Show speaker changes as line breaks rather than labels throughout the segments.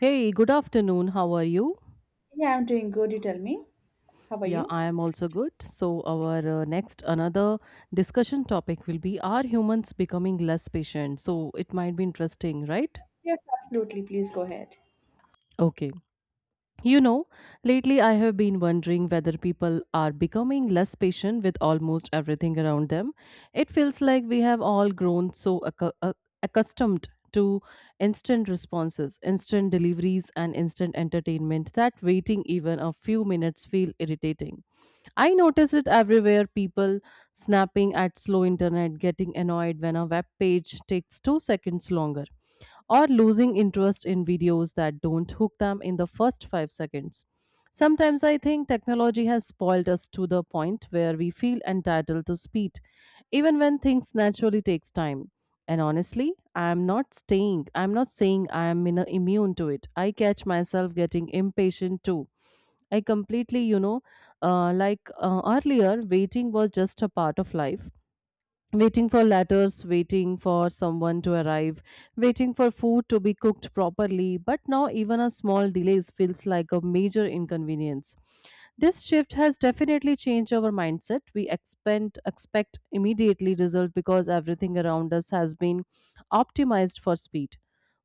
Hey, good afternoon. How are you?
Yeah, I'm doing good. You tell me. How are
Yeah,
you?
I am also good. So, our next another discussion topic will be, are humans becoming less patient? So, it might be interesting, right?
Yes, absolutely. Please go ahead.
Okay. You know, lately I have been wondering whether people are becoming less patient with almost everything around them. It feels like we have all grown so accustomed to instant responses, instant deliveries, and instant entertainment that waiting even a few minutes feel irritating. I notice it everywhere. People snapping at slow internet, getting annoyed when a web page takes 2 seconds longer, or losing interest in videos that don't hook them in the first 5 seconds. Sometimes I think technology has spoiled us to the point where we feel entitled to speed, even when things naturally takes time. And honestly, I am not staying. I am not saying I am in a immune to it. I catch myself getting impatient too. I completely, earlier, waiting was just a part of life, waiting for letters, waiting for someone to arrive, waiting for food to be cooked properly, but now even a small delay feels like a major inconvenience. This shift has definitely changed our mindset. We expect immediately result because everything around us has been optimized for speed.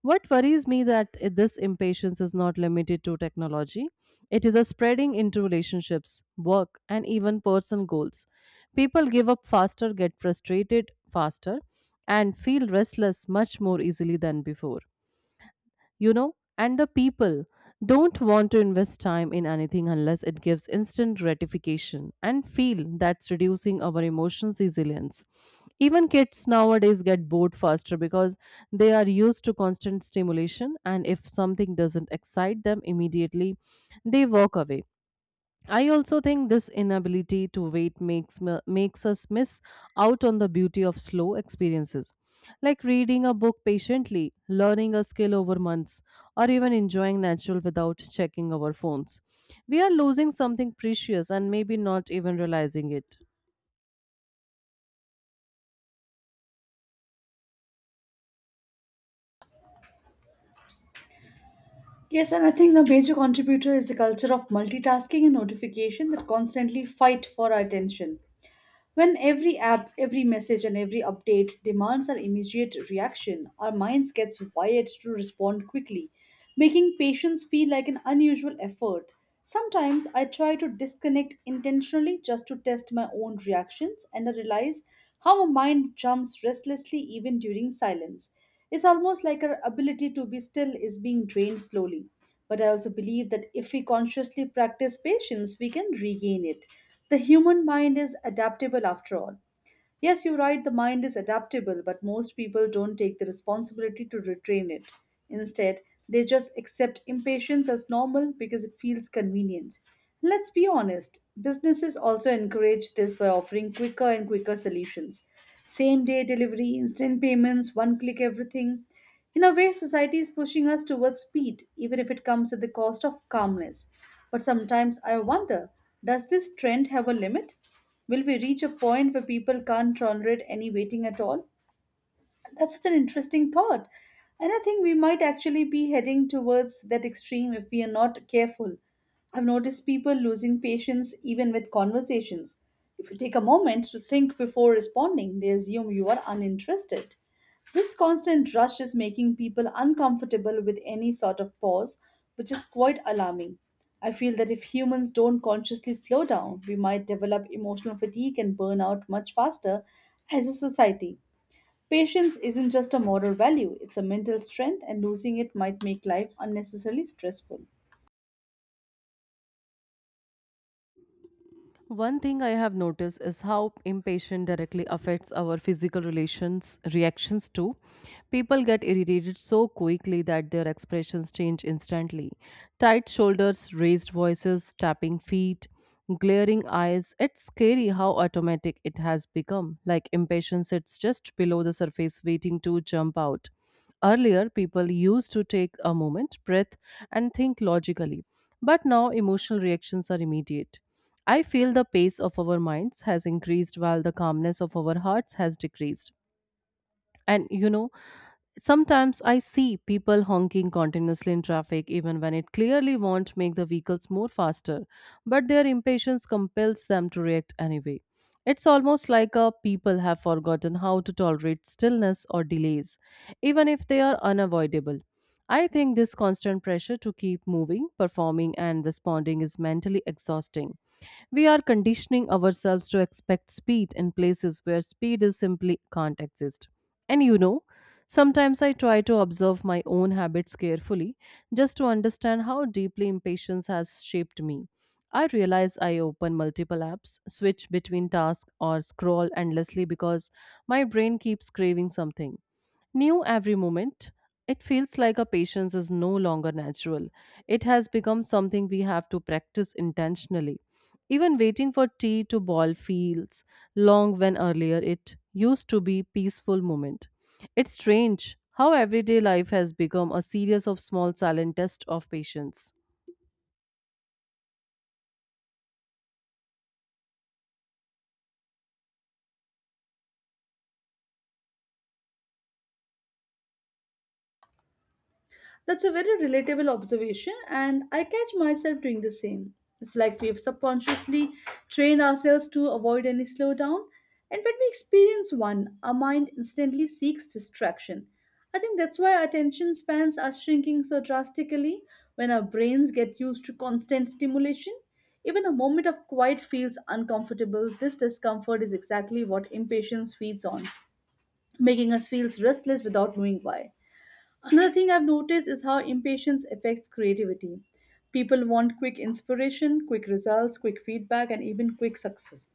What worries me that this impatience is not limited to technology. It is a spreading into relationships, work, and even personal goals. People give up faster, get frustrated faster, and feel restless much more easily than before. You know, and the people don't want to invest time in anything unless it gives instant gratification, and feel that's reducing our emotions resilience. Even kids nowadays get bored faster because they are used to constant stimulation, and if something doesn't excite them immediately, they walk away. I also think this inability to wait makes us miss out on the beauty of slow experiences, like reading a book patiently, learning a skill over months, or even enjoying natural without checking our phones. We are losing something precious and maybe not even realizing it.
Yes, and I think a major contributor is the culture of multitasking and notification that constantly fight for our attention. When every app, every message, and every update demands an immediate reaction, our minds gets wired to respond quickly, making patience feel like an unusual effort. Sometimes I try to disconnect intentionally just to test my own reactions, and I realize how my mind jumps restlessly even during silence. It's almost like our ability to be still is being drained slowly. But I also believe that if we consciously practice patience, we can regain it. The human mind is adaptable after all. Yes, you're right, the mind is adaptable, but most people don't take the responsibility to retrain it. Instead, they just accept impatience as normal because it feels convenient. Let's be honest, businesses also encourage this by offering quicker and quicker solutions. Same day delivery, instant payments, one click everything. In a way, society is pushing us towards speed, even if it comes at the cost of calmness. But sometimes I wonder, does this trend have a limit? Will we reach a point where people can't tolerate any waiting at all? That's such an interesting thought. And I think we might actually be heading towards that extreme if we are not careful. I've noticed people losing patience even with conversations. If you take a moment to think before responding, they assume you are uninterested. This constant rush is making people uncomfortable with any sort of pause, which is quite alarming. I feel that if humans don't consciously slow down, we might develop emotional fatigue and burn out much faster as a society. Patience isn't just a moral value, it's a mental strength, and losing it might make life unnecessarily stressful.
One thing I have noticed is how impatience directly affects our physical relations reactions too. People get irritated so quickly that their expressions change instantly. Tight shoulders, raised voices, tapping feet, glaring eyes. It's scary how automatic it has become. Like impatience it's just below the surface waiting to jump out. Earlier people used to take a moment, breath and think logically. But now emotional reactions are immediate. I feel the pace of our minds has increased while the calmness of our hearts has decreased. And you know, sometimes I see people honking continuously in traffic even when it clearly won't make the vehicles more faster, but their impatience compels them to react anyway. It's almost like a people have forgotten how to tolerate stillness or delays, even if they are unavoidable. I think this constant pressure to keep moving, performing, and responding is mentally exhausting. We are conditioning ourselves to expect speed in places where speed is simply can't exist. And you know, sometimes I try to observe my own habits carefully just to understand how deeply impatience has shaped me. I realize I open multiple apps, switch between tasks, or scroll endlessly because my brain keeps craving something new every moment. It feels like our patience is no longer natural. It has become something we have to practice intentionally. Even waiting for tea to boil feels long when earlier it used to be peaceful moment. It's strange how everyday life has become a series of small silent tests of patience.
That's a very relatable observation, and I catch myself doing the same. It's like we've subconsciously trained ourselves to avoid any slowdown, and when we experience one, our mind instantly seeks distraction. I think that's why our attention spans are shrinking so drastically when our brains get used to constant stimulation. Even a moment of quiet feels uncomfortable. This discomfort is exactly what impatience feeds on, making us feel restless without knowing why. Another thing I've noticed is how impatience affects creativity. People want quick inspiration, quick results, quick feedback, and even quick success.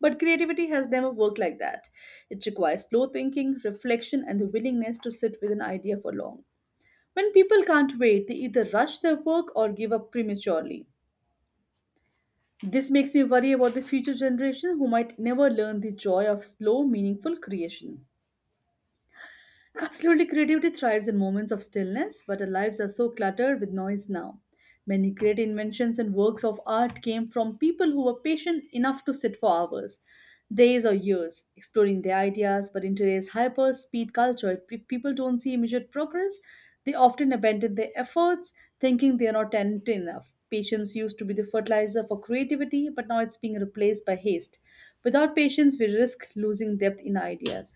But creativity has never worked like that. It requires slow thinking, reflection, and the willingness to sit with an idea for long. When people can't wait, they either rush their work or give up prematurely. This makes me worry about the future generation who might never learn the joy of slow, meaningful creation. Absolutely, creativity thrives in moments of stillness, but our lives are so cluttered with noise now. Many great inventions and works of art came from people who were patient enough to sit for hours, days, or years, exploring their ideas. But in today's hyper speed culture, if people don't see immediate progress, they often abandon their efforts, thinking they are not talented enough. Patience used to be the fertilizer for creativity, but now it's being replaced by haste. Without patience, we risk losing depth in ideas.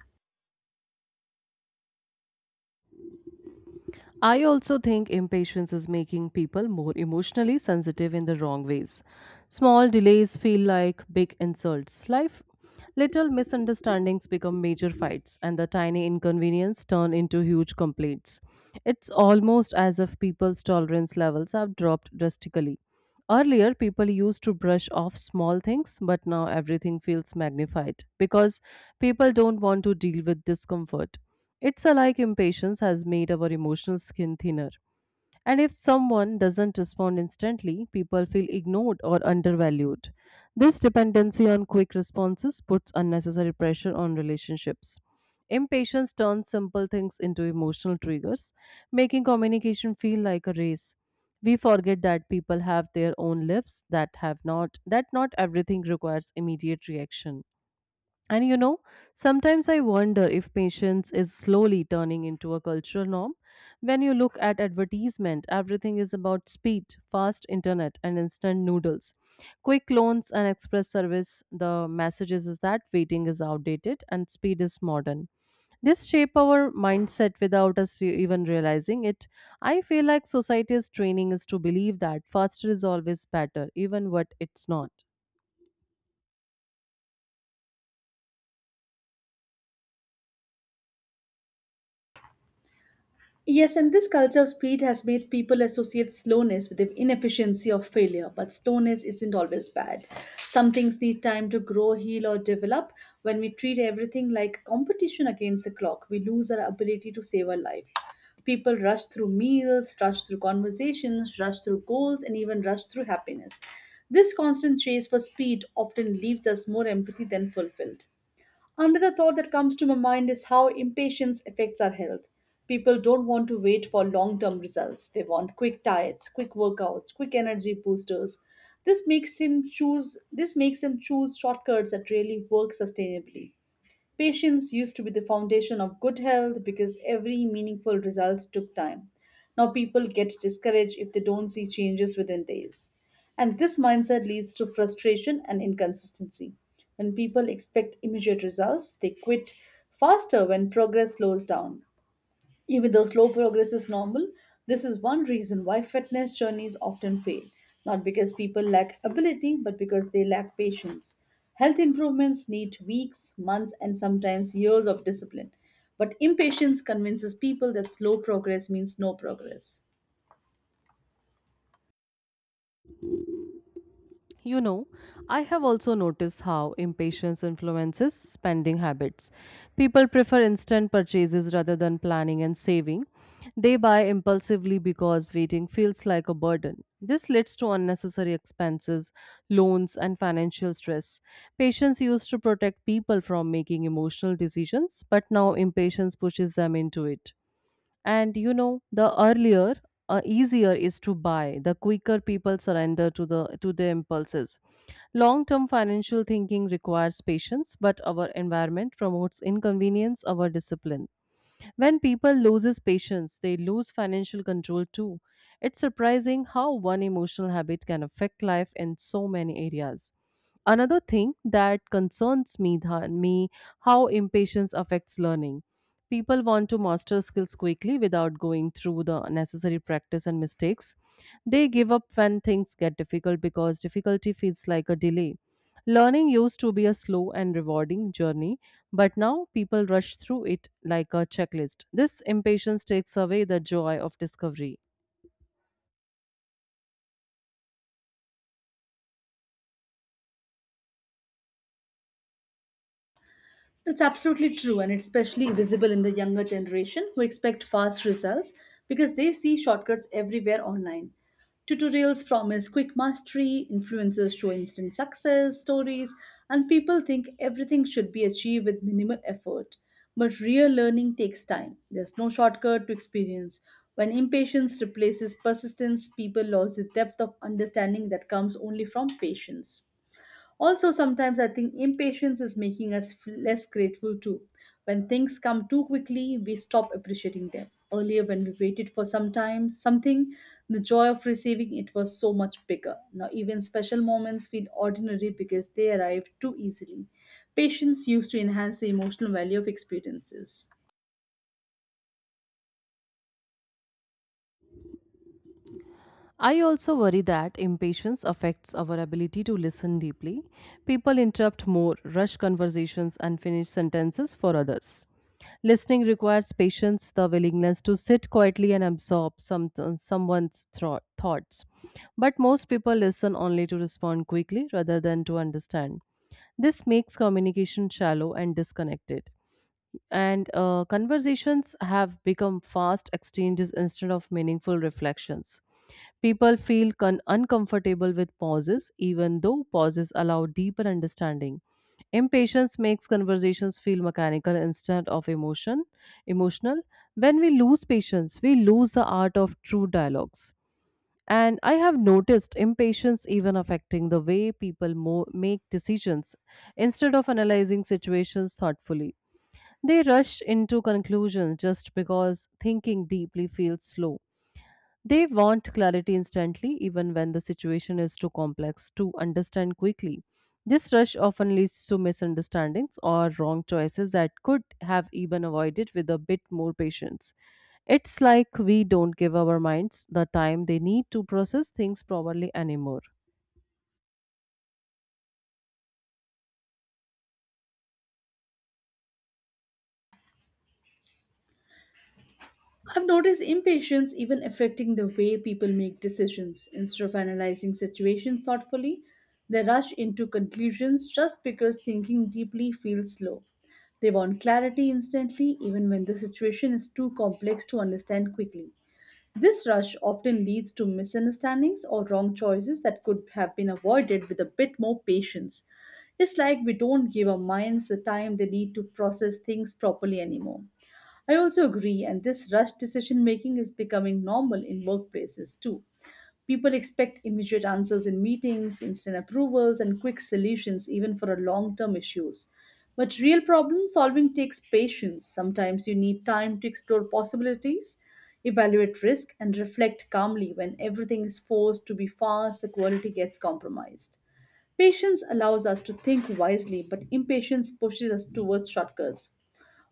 I also think impatience is making people more emotionally sensitive in the wrong ways. Small delays feel like big insults. Life little misunderstandings become major fights and the tiny inconvenience turn into huge complaints. It's almost as if people's tolerance levels have dropped drastically. Earlier, people used to brush off small things, but now everything feels magnified because people don't want to deal with discomfort. It's a like impatience has made our emotional skin thinner. And if someone doesn't respond instantly, people feel ignored or undervalued. This dependency on quick responses puts unnecessary pressure on relationships. Impatience turns simple things into emotional triggers, making communication feel like a race. We forget that people have their own lives, that have not, that not everything requires immediate reaction. And you know, sometimes I wonder if patience is slowly turning into a cultural norm. When you look at advertisement, everything is about speed, fast internet, and instant noodles. Quick loans and express service, the messages is that waiting is outdated and speed is modern. This shape our mindset without us even realizing it. I feel like society's training is to believe that faster is always better, even what it's not.
Yes, and this culture of speed has made people associate slowness with the inefficiency of failure, but slowness isn't always bad. Some things need time to grow, heal, or develop. When we treat everything like competition against the clock, we lose our ability to save our life. People rush through meals, rush through conversations, rush through goals, and even rush through happiness. This constant chase for speed often leaves us more empathy than fulfilled. Another thought that comes to my mind is how impatience affects our health. People don't want to wait for long term results. They want quick diets, quick workouts, quick energy boosters. This makes them choose shortcuts that really work sustainably. Patience used to be the foundation of good health because every meaningful results took time. Now people get discouraged if they don't see changes within days. And this mindset leads to frustration and inconsistency. When people expect immediate results, they quit faster when progress slows down. Even though slow progress is normal, this is one reason why fitness journeys often fail. Not because people lack ability, but because they lack patience. Health improvements need weeks, months, and sometimes years of discipline. But impatience convinces people that slow progress means no progress.
You know, I have also noticed how impatience influences spending habits. People prefer instant purchases rather than planning and saving. They buy impulsively because waiting feels like a burden. This leads to unnecessary expenses, loans, and financial stress. Patience used to protect people from making emotional decisions, but now impatience pushes them into it. And you know, the earlier, easier is to buy, the quicker people surrender to the impulses. Long-term financial thinking requires patience, but our environment promotes inconvenience, our discipline. When people loses patience, they lose financial control too. It's surprising how one emotional habit can affect life in so many areas. Another thing that concerns me, how impatience affects learning. People want to master skills quickly without going through the necessary practice and mistakes. They give up when things get difficult because difficulty feels like a delay. Learning used to be a slow and rewarding journey, but now people rush through it like a checklist. This impatience takes away the joy of discovery.
That's absolutely true, and it's especially visible in the younger generation who expect fast results because they see shortcuts everywhere online. Tutorials promise quick mastery, influencers show instant success stories, and people think everything should be achieved with minimal effort. But real learning takes time. There's no shortcut to experience. When impatience replaces persistence, people lose the depth of understanding that comes only from patience. Also, sometimes I think impatience is making us less grateful too. When things come too quickly, we stop appreciating them. Earlier, when we waited for some time, something, the joy of receiving it was so much bigger. Now, even special moments feel ordinary because they arrive too easily. Patience used to enhance the emotional value of experiences.
I also worry that impatience affects our ability to listen deeply. People interrupt more, rush conversations, and finish sentences for others. Listening requires patience, the willingness to sit quietly and absorb someone's thoughts. But most people listen only to respond quickly rather than to understand. This makes communication shallow and disconnected. And conversations have become fast exchanges instead of meaningful reflections. People feel uncomfortable with pauses, even though pauses allow deeper understanding. Impatience makes conversations feel mechanical instead of emotional. When we lose patience, we lose the art of true dialogues. And I have noticed impatience even affecting the way people make decisions. Instead of analyzing situations thoughtfully, they rush into conclusions just because thinking deeply feels slow. They want clarity instantly, even when the situation is too complex to understand quickly. This rush often leads to misunderstandings or wrong choices that could have even avoided with a bit more patience. It's like we don't give our minds the time they need to process things properly anymore.
I've noticed impatience even affecting the way people make decisions. Instead of analyzing situations thoughtfully, they rush into conclusions just because thinking deeply feels slow. They want clarity instantly, even when the situation is too complex to understand quickly. This rush often leads to misunderstandings or wrong choices that could have been avoided with a bit more patience. It's like we don't give our minds the time they need to process things properly anymore. I also agree, and this rush decision making is becoming normal in workplaces too. People expect immediate answers in meetings, instant approvals, and quick solutions, even for a long term issues. But real problem solving takes patience. Sometimes you need time to explore possibilities, evaluate risk, and reflect calmly. When everything is forced to be fast, the quality gets compromised. Patience allows us to think wisely, but impatience pushes us towards shortcuts.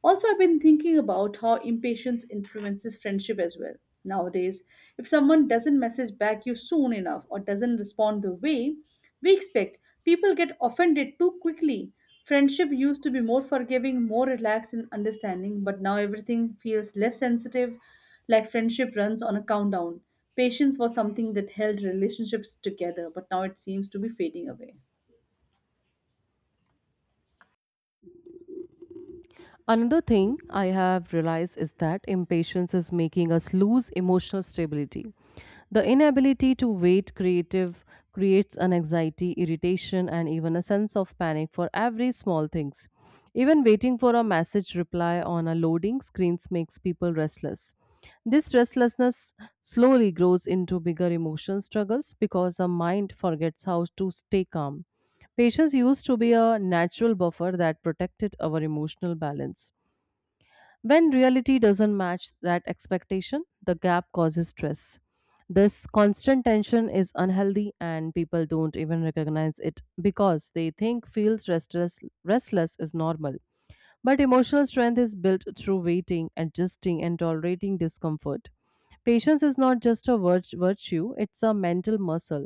Also, I've been thinking about how impatience influences friendship as well. Nowadays, if someone doesn't message back you soon enough or doesn't respond the way we expect, people get offended too quickly. Friendship used to be more forgiving, more relaxed and understanding, but now everything feels less sensitive, like friendship runs on a countdown. Patience was something that held relationships together, but now it seems to be fading away.
Another thing I have realized is that impatience is making us lose emotional stability. The inability to wait creative creates an anxiety, irritation, and even a sense of panic for every small things. Even waiting for a message reply on a loading screens makes people restless. This restlessness slowly grows into bigger emotional struggles because our mind forgets how to stay calm. Patience used to be a natural buffer that protected our emotional balance. When reality doesn't match that expectation, the gap causes stress. This constant tension is unhealthy, and people don't even recognize it because they think feels restless, restless is normal. But emotional strength is built through waiting, adjusting, and tolerating discomfort. Patience is not just a virtue, it's a mental muscle.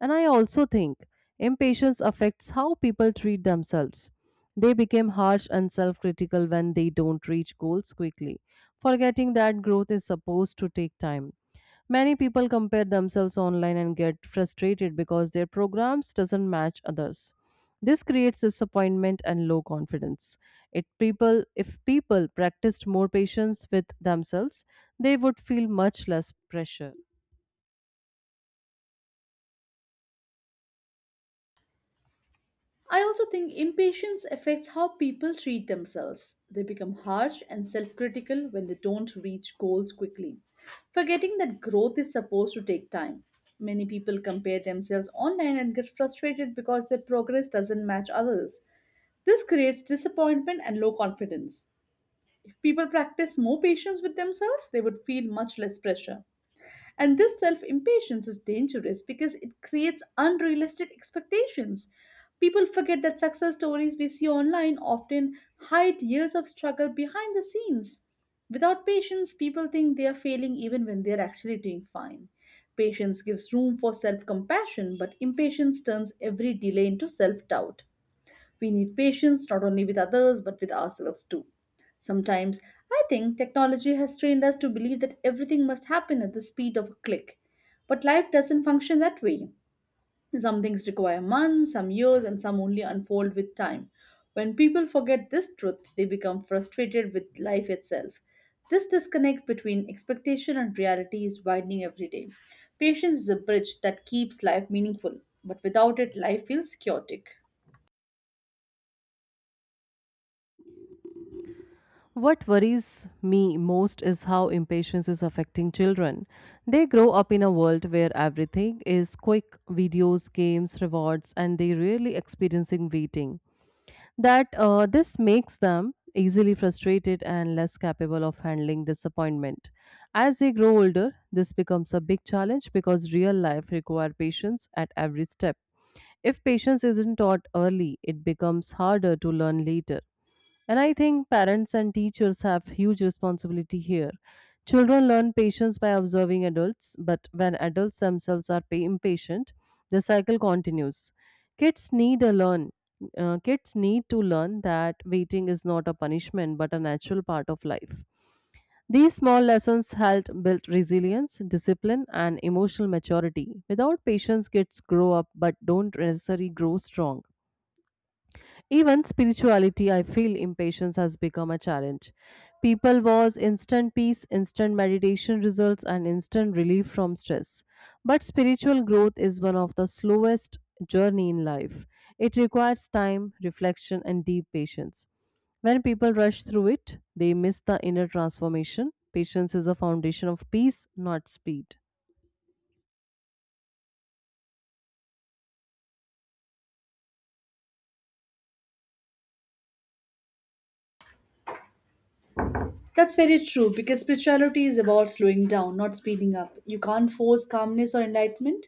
And I also think impatience affects how people treat themselves. They become harsh and self critical when they don't reach goals quickly, forgetting that growth is supposed to take time. Many people compare themselves online and get frustrated because their programs doesn't match others. This creates disappointment and low confidence. It people if people practiced more patience with themselves, they would feel much less pressure.
I also think impatience affects how people treat themselves. They become harsh and self critical when they don't reach goals quickly, forgetting that growth is supposed to take time. Many people compare themselves online and get frustrated because their progress doesn't match others. This creates disappointment and low confidence. If people practice more patience with themselves, they would feel much less pressure. And this self impatience is dangerous because it creates unrealistic expectations. People forget that success stories we see online often hide years of struggle behind the scenes. Without patience, people think they are failing even when they are actually doing fine. Patience gives room for self compassion, but impatience turns every delay into self doubt. We need patience not only with others but with ourselves too. Sometimes I think technology has trained us to believe that everything must happen at the speed of a click. But life doesn't function that way. Some things require months, some years, and some only unfold with time. When people forget this truth, they become frustrated with life itself. This disconnect between expectation and reality is widening every day. Patience is a bridge that keeps life meaningful, but without it, life feels chaotic.
What worries me most is how impatience is affecting children. They grow up in a world where everything is quick videos, games, rewards, and they rarely experiencing waiting. That this makes them easily frustrated and less capable of handling disappointment. As they grow older, this becomes a big challenge because real life require patience at every step. If patience isn't taught early, it becomes harder to learn later. And I think parents and teachers have huge responsibility here. Children learn patience by observing adults, but when adults themselves are impatient, the cycle continues. Kids need a learn. Kids need to learn that waiting is not a punishment but a natural part of life. These small lessons help build resilience, discipline, and emotional maturity. Without patience, kids grow up but don't necessarily grow strong. Even spirituality, I feel impatience has become a challenge. People was instant peace, instant meditation results, and instant relief from stress. But spiritual growth is one of the slowest journey in life. It requires time, reflection, and deep patience. When people rush through it, they miss the inner transformation. Patience is a foundation of peace, not speed.
That's very true because spirituality is about slowing down, not speeding up. You can't force calmness or enlightenment,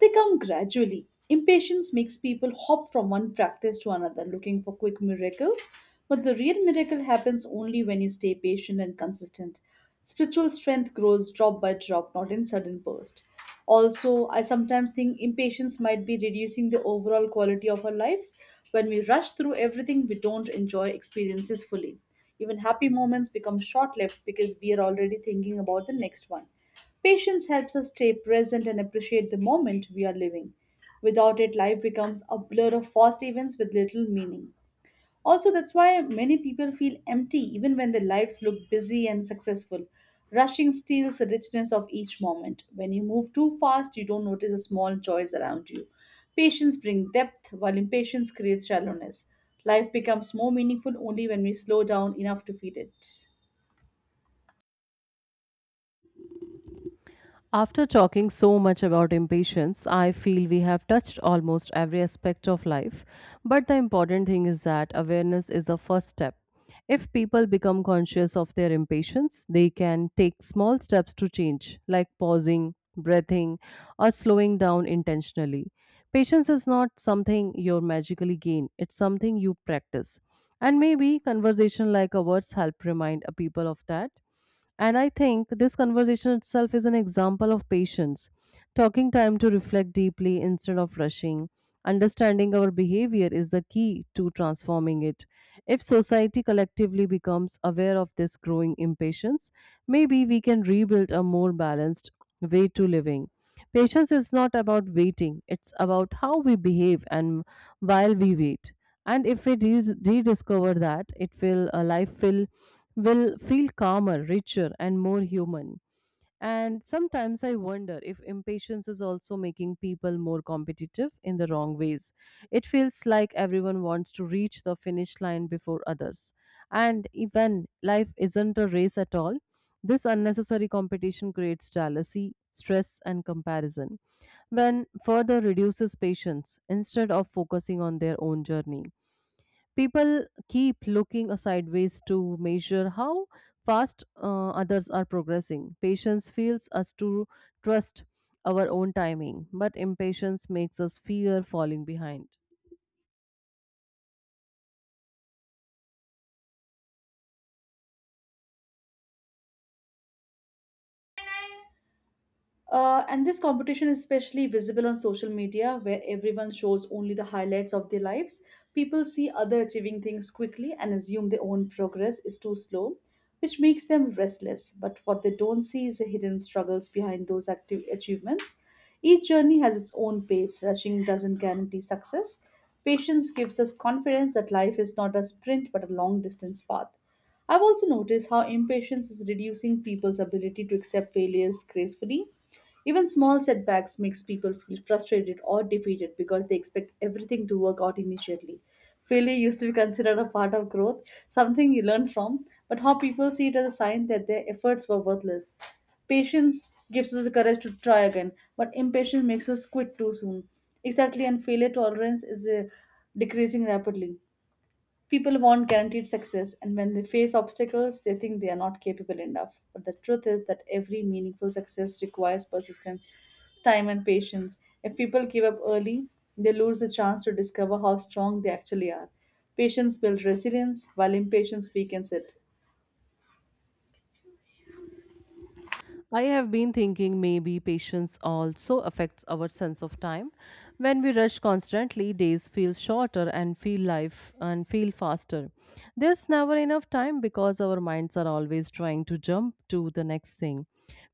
they come gradually. Impatience makes people hop from one practice to another looking for quick miracles, but the real miracle happens only when you stay patient and consistent. Spiritual strength grows drop by drop, not in sudden bursts. Also, I sometimes think impatience might be reducing the overall quality of our lives. When we rush through everything, we don't enjoy experiences fully. Even happy moments become short lived because we are already thinking about the next one. Patience helps us stay present and appreciate the moment we are living. Without it, life becomes a blur of fast events with little meaning. Also, that's why many people feel empty even when their lives look busy and successful. Rushing steals the richness of each moment. When you move too fast, you don't notice the small joys around you. Patience brings depth, while impatience creates shallowness. Life becomes more meaningful only when we slow down enough to feel it.
After talking so much about impatience, I feel we have touched almost every aspect of life. But the important thing is that awareness is the first step. If people become conscious of their impatience, they can take small steps to change, like pausing, breathing, or slowing down intentionally. Patience is not something you magically gain, it's something you practice. And maybe conversation like ours help remind a people of that. And I think this conversation itself is an example of patience, talking time to reflect deeply instead of rushing. Understanding our behavior is the key to transforming it. If society collectively becomes aware of this growing impatience, maybe we can rebuild a more balanced way to living. Patience is not about waiting, it's about how we behave and while we wait. And if we rediscover that, it will life will feel calmer, richer, and more human. And sometimes I wonder if impatience is also making people more competitive in the wrong ways. It feels like everyone wants to reach the finish line before others. And even life isn't a race at all. This unnecessary competition creates jealousy, stress, and comparison, when further reduces patience instead of focusing on their own journey. People keep looking sideways to measure how fast others are progressing. Patience feels us to trust our own timing, but impatience makes us fear falling behind.
And this competition is especially visible on social media, where everyone shows only the highlights of their lives. People see other achieving things quickly and assume their own progress is too slow, which makes them restless. But what they don't see is the hidden struggles behind those active achievements. Each journey has its own pace. Rushing doesn't guarantee success. Patience gives us confidence that life is not a sprint but a long distance path. I've also noticed how impatience is reducing people's ability to accept failures gracefully. Even small setbacks makes people feel frustrated or defeated because they expect everything to work out immediately. Failure used to be considered a part of growth, something you learn from, but how people see it as a sign that their efforts were worthless. Patience gives us the courage to try again, but impatience makes us quit too soon. Exactly, and failure tolerance is decreasing rapidly. People want guaranteed success, and when they face obstacles, they think they are not capable enough. But the truth is that every meaningful success requires persistence, time, and patience. If people give up early, they lose the chance to discover how strong they actually are. Patience builds resilience, while impatience weakens it.
I have been thinking maybe patience also affects our sense of time. When we rush constantly, days feel shorter and feel life and feel faster. There's never enough time because our minds are always trying to jump to the next thing.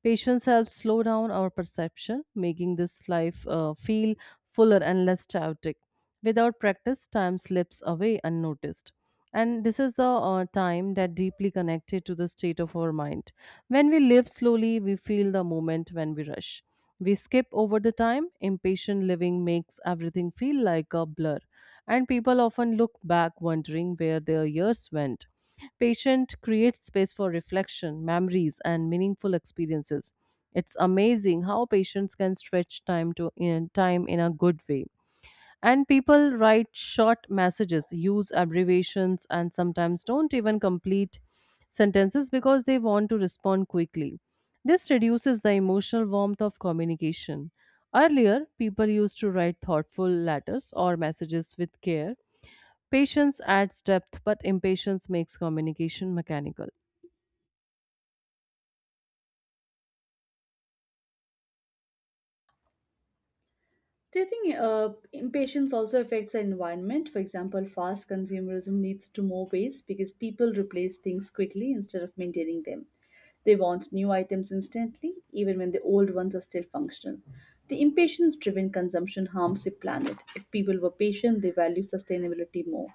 Patience helps slow down our perception, making this life feel fuller and less chaotic. Without practice, time slips away unnoticed. And this is the time that deeply connected to the state of our mind. When we live slowly, we feel the moment when we rush. We skip over the time. Impatient living makes everything feel like a blur. And people often look back wondering where their years went. Patient creates space for reflection, memories, and meaningful experiences. It's amazing how patients can stretch time to in time in a good way, and people write short messages, use abbreviations, and sometimes don't even complete sentences because they want to respond quickly. This reduces the emotional warmth of communication. Earlier, people used to write thoughtful letters or messages with care. Patience adds depth, but impatience makes communication mechanical.
Do you think impatience also affects the environment? For example, fast consumerism leads to more waste because people replace things quickly instead of maintaining them. They want new items instantly, even when the old ones are still functional. The impatience driven consumption harms the planet. If people were patient, they value sustainability more.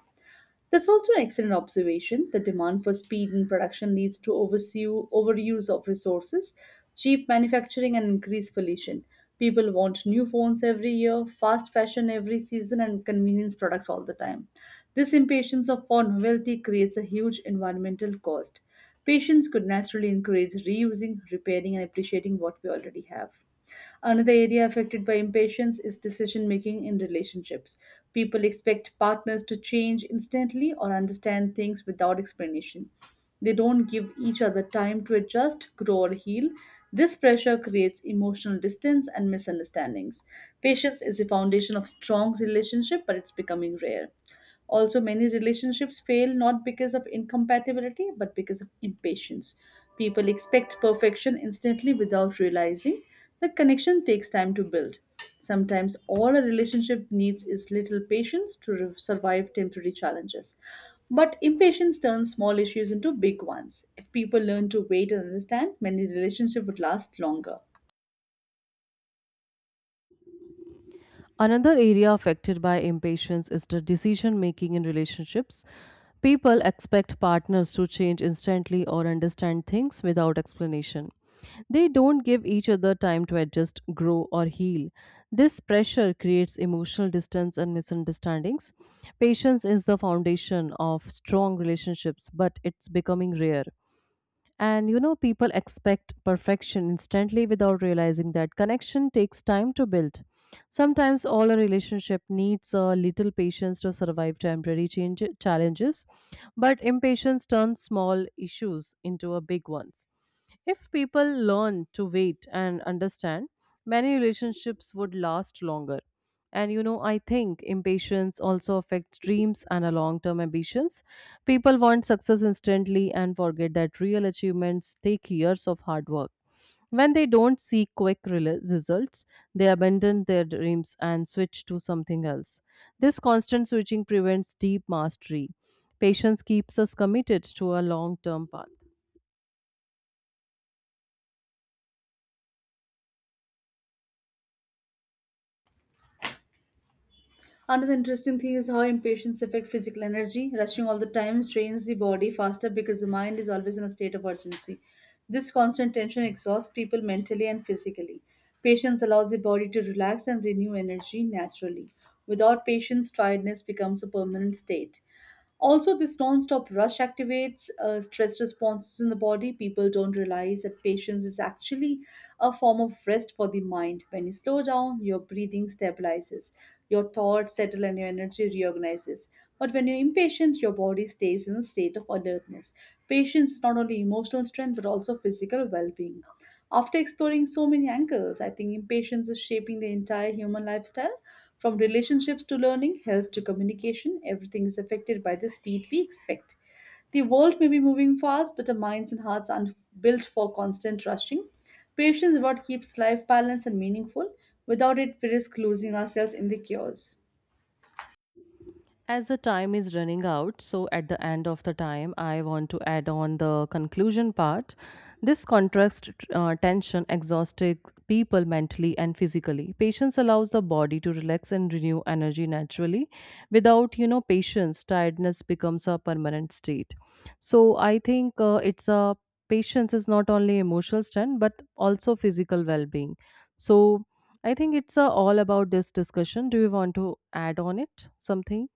That's also an excellent observation. The demand for speed in production leads to overuse of resources, cheap manufacturing, and increased pollution. People want new phones every year, fast fashion every season, and convenience products all the time. This impatience of for novelty creates a huge environmental cost. Patients could naturally encourage reusing, repairing, and appreciating what we already have. Another area affected by impatience is decision making in relationships. People expect partners to change instantly or understand things without explanation. They don't give each other time to adjust, grow, or heal. This pressure creates emotional distance and misunderstandings. Patience is the foundation of strong relationship, but it's becoming rare. Also, many relationships fail not because of incompatibility but because of impatience. People expect perfection instantly without realizing that connection takes time to build. Sometimes all a relationship needs is little patience to survive temporary challenges. But impatience turns small issues into big ones. If people learn to wait and understand, many relationships would last longer.
Another area affected by impatience is the decision making in relationships. People expect partners to change instantly or understand things without explanation. They don't give each other time to adjust, grow, or heal. This pressure creates emotional distance and misunderstandings. Patience is the foundation of strong relationships, but it's becoming rare. And you know, people expect perfection instantly without realizing that connection takes time to build. Sometimes all a relationship needs a little patience to survive temporary challenges, but impatience turns small issues into a big ones. If people learn to wait and understand, many relationships would last longer. And you know, I think impatience also affects dreams and long-term ambitions. People want success instantly and forget that real achievements take years of hard work. When they don't see quick results, they abandon their dreams and switch to something else. This constant switching prevents deep mastery. Patience keeps us committed to a long-term path.
Another interesting thing is how impatience affects physical energy. Rushing all the time strains the body faster because the mind is always in a state of urgency. This constant tension exhausts people mentally and physically. Patience allows the body to relax and renew energy naturally. Without patience, tiredness becomes a permanent state. Also, this non-stop rush activates stress responses in the body. People don't realize that patience is actually a form of rest for the mind. When you slow down, your breathing stabilizes, your thoughts settle, and your energy reorganizes. But when you're impatient, your body stays in a state of alertness. Patience is not only emotional strength but also physical well-being. After exploring so many angles, I think impatience is shaping the entire human lifestyle from relationships to learning, health to communication, everything is affected by the speed we expect. The world may be moving fast, but our minds and hearts aren't built for constant rushing. Patience is what keeps life balanced and meaningful. Without it, we risk losing ourselves in the chaos.
As the time is running out, so at the end of the time I want to add on the conclusion part. This contrast tension exhausted people mentally and physically. Patience allows the body to relax and renew energy naturally. Without you know patience, tiredness becomes a permanent state. So I think it's a patience is not only emotional strength but also physical well-being. So I think it's all about this discussion. Do you want to add on it something?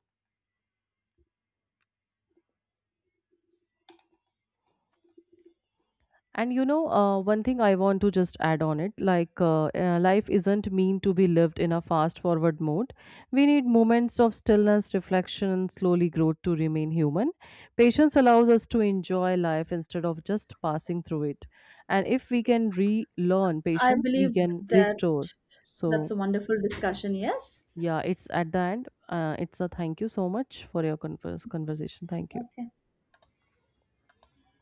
And you know, one thing I want to just add on it, like, life isn't mean to be lived in a fast forward mode. We need moments of stillness, reflection, and slowly growth to remain human. Patience allows us to enjoy life instead of just passing through it. And if we can relearn
I
patience, we
believe
can
that
restore.
that's
So,
a wonderful discussion, yes?
yeah, it's at the end. It's a thank you so much for your conversation. Thank you.
Okay.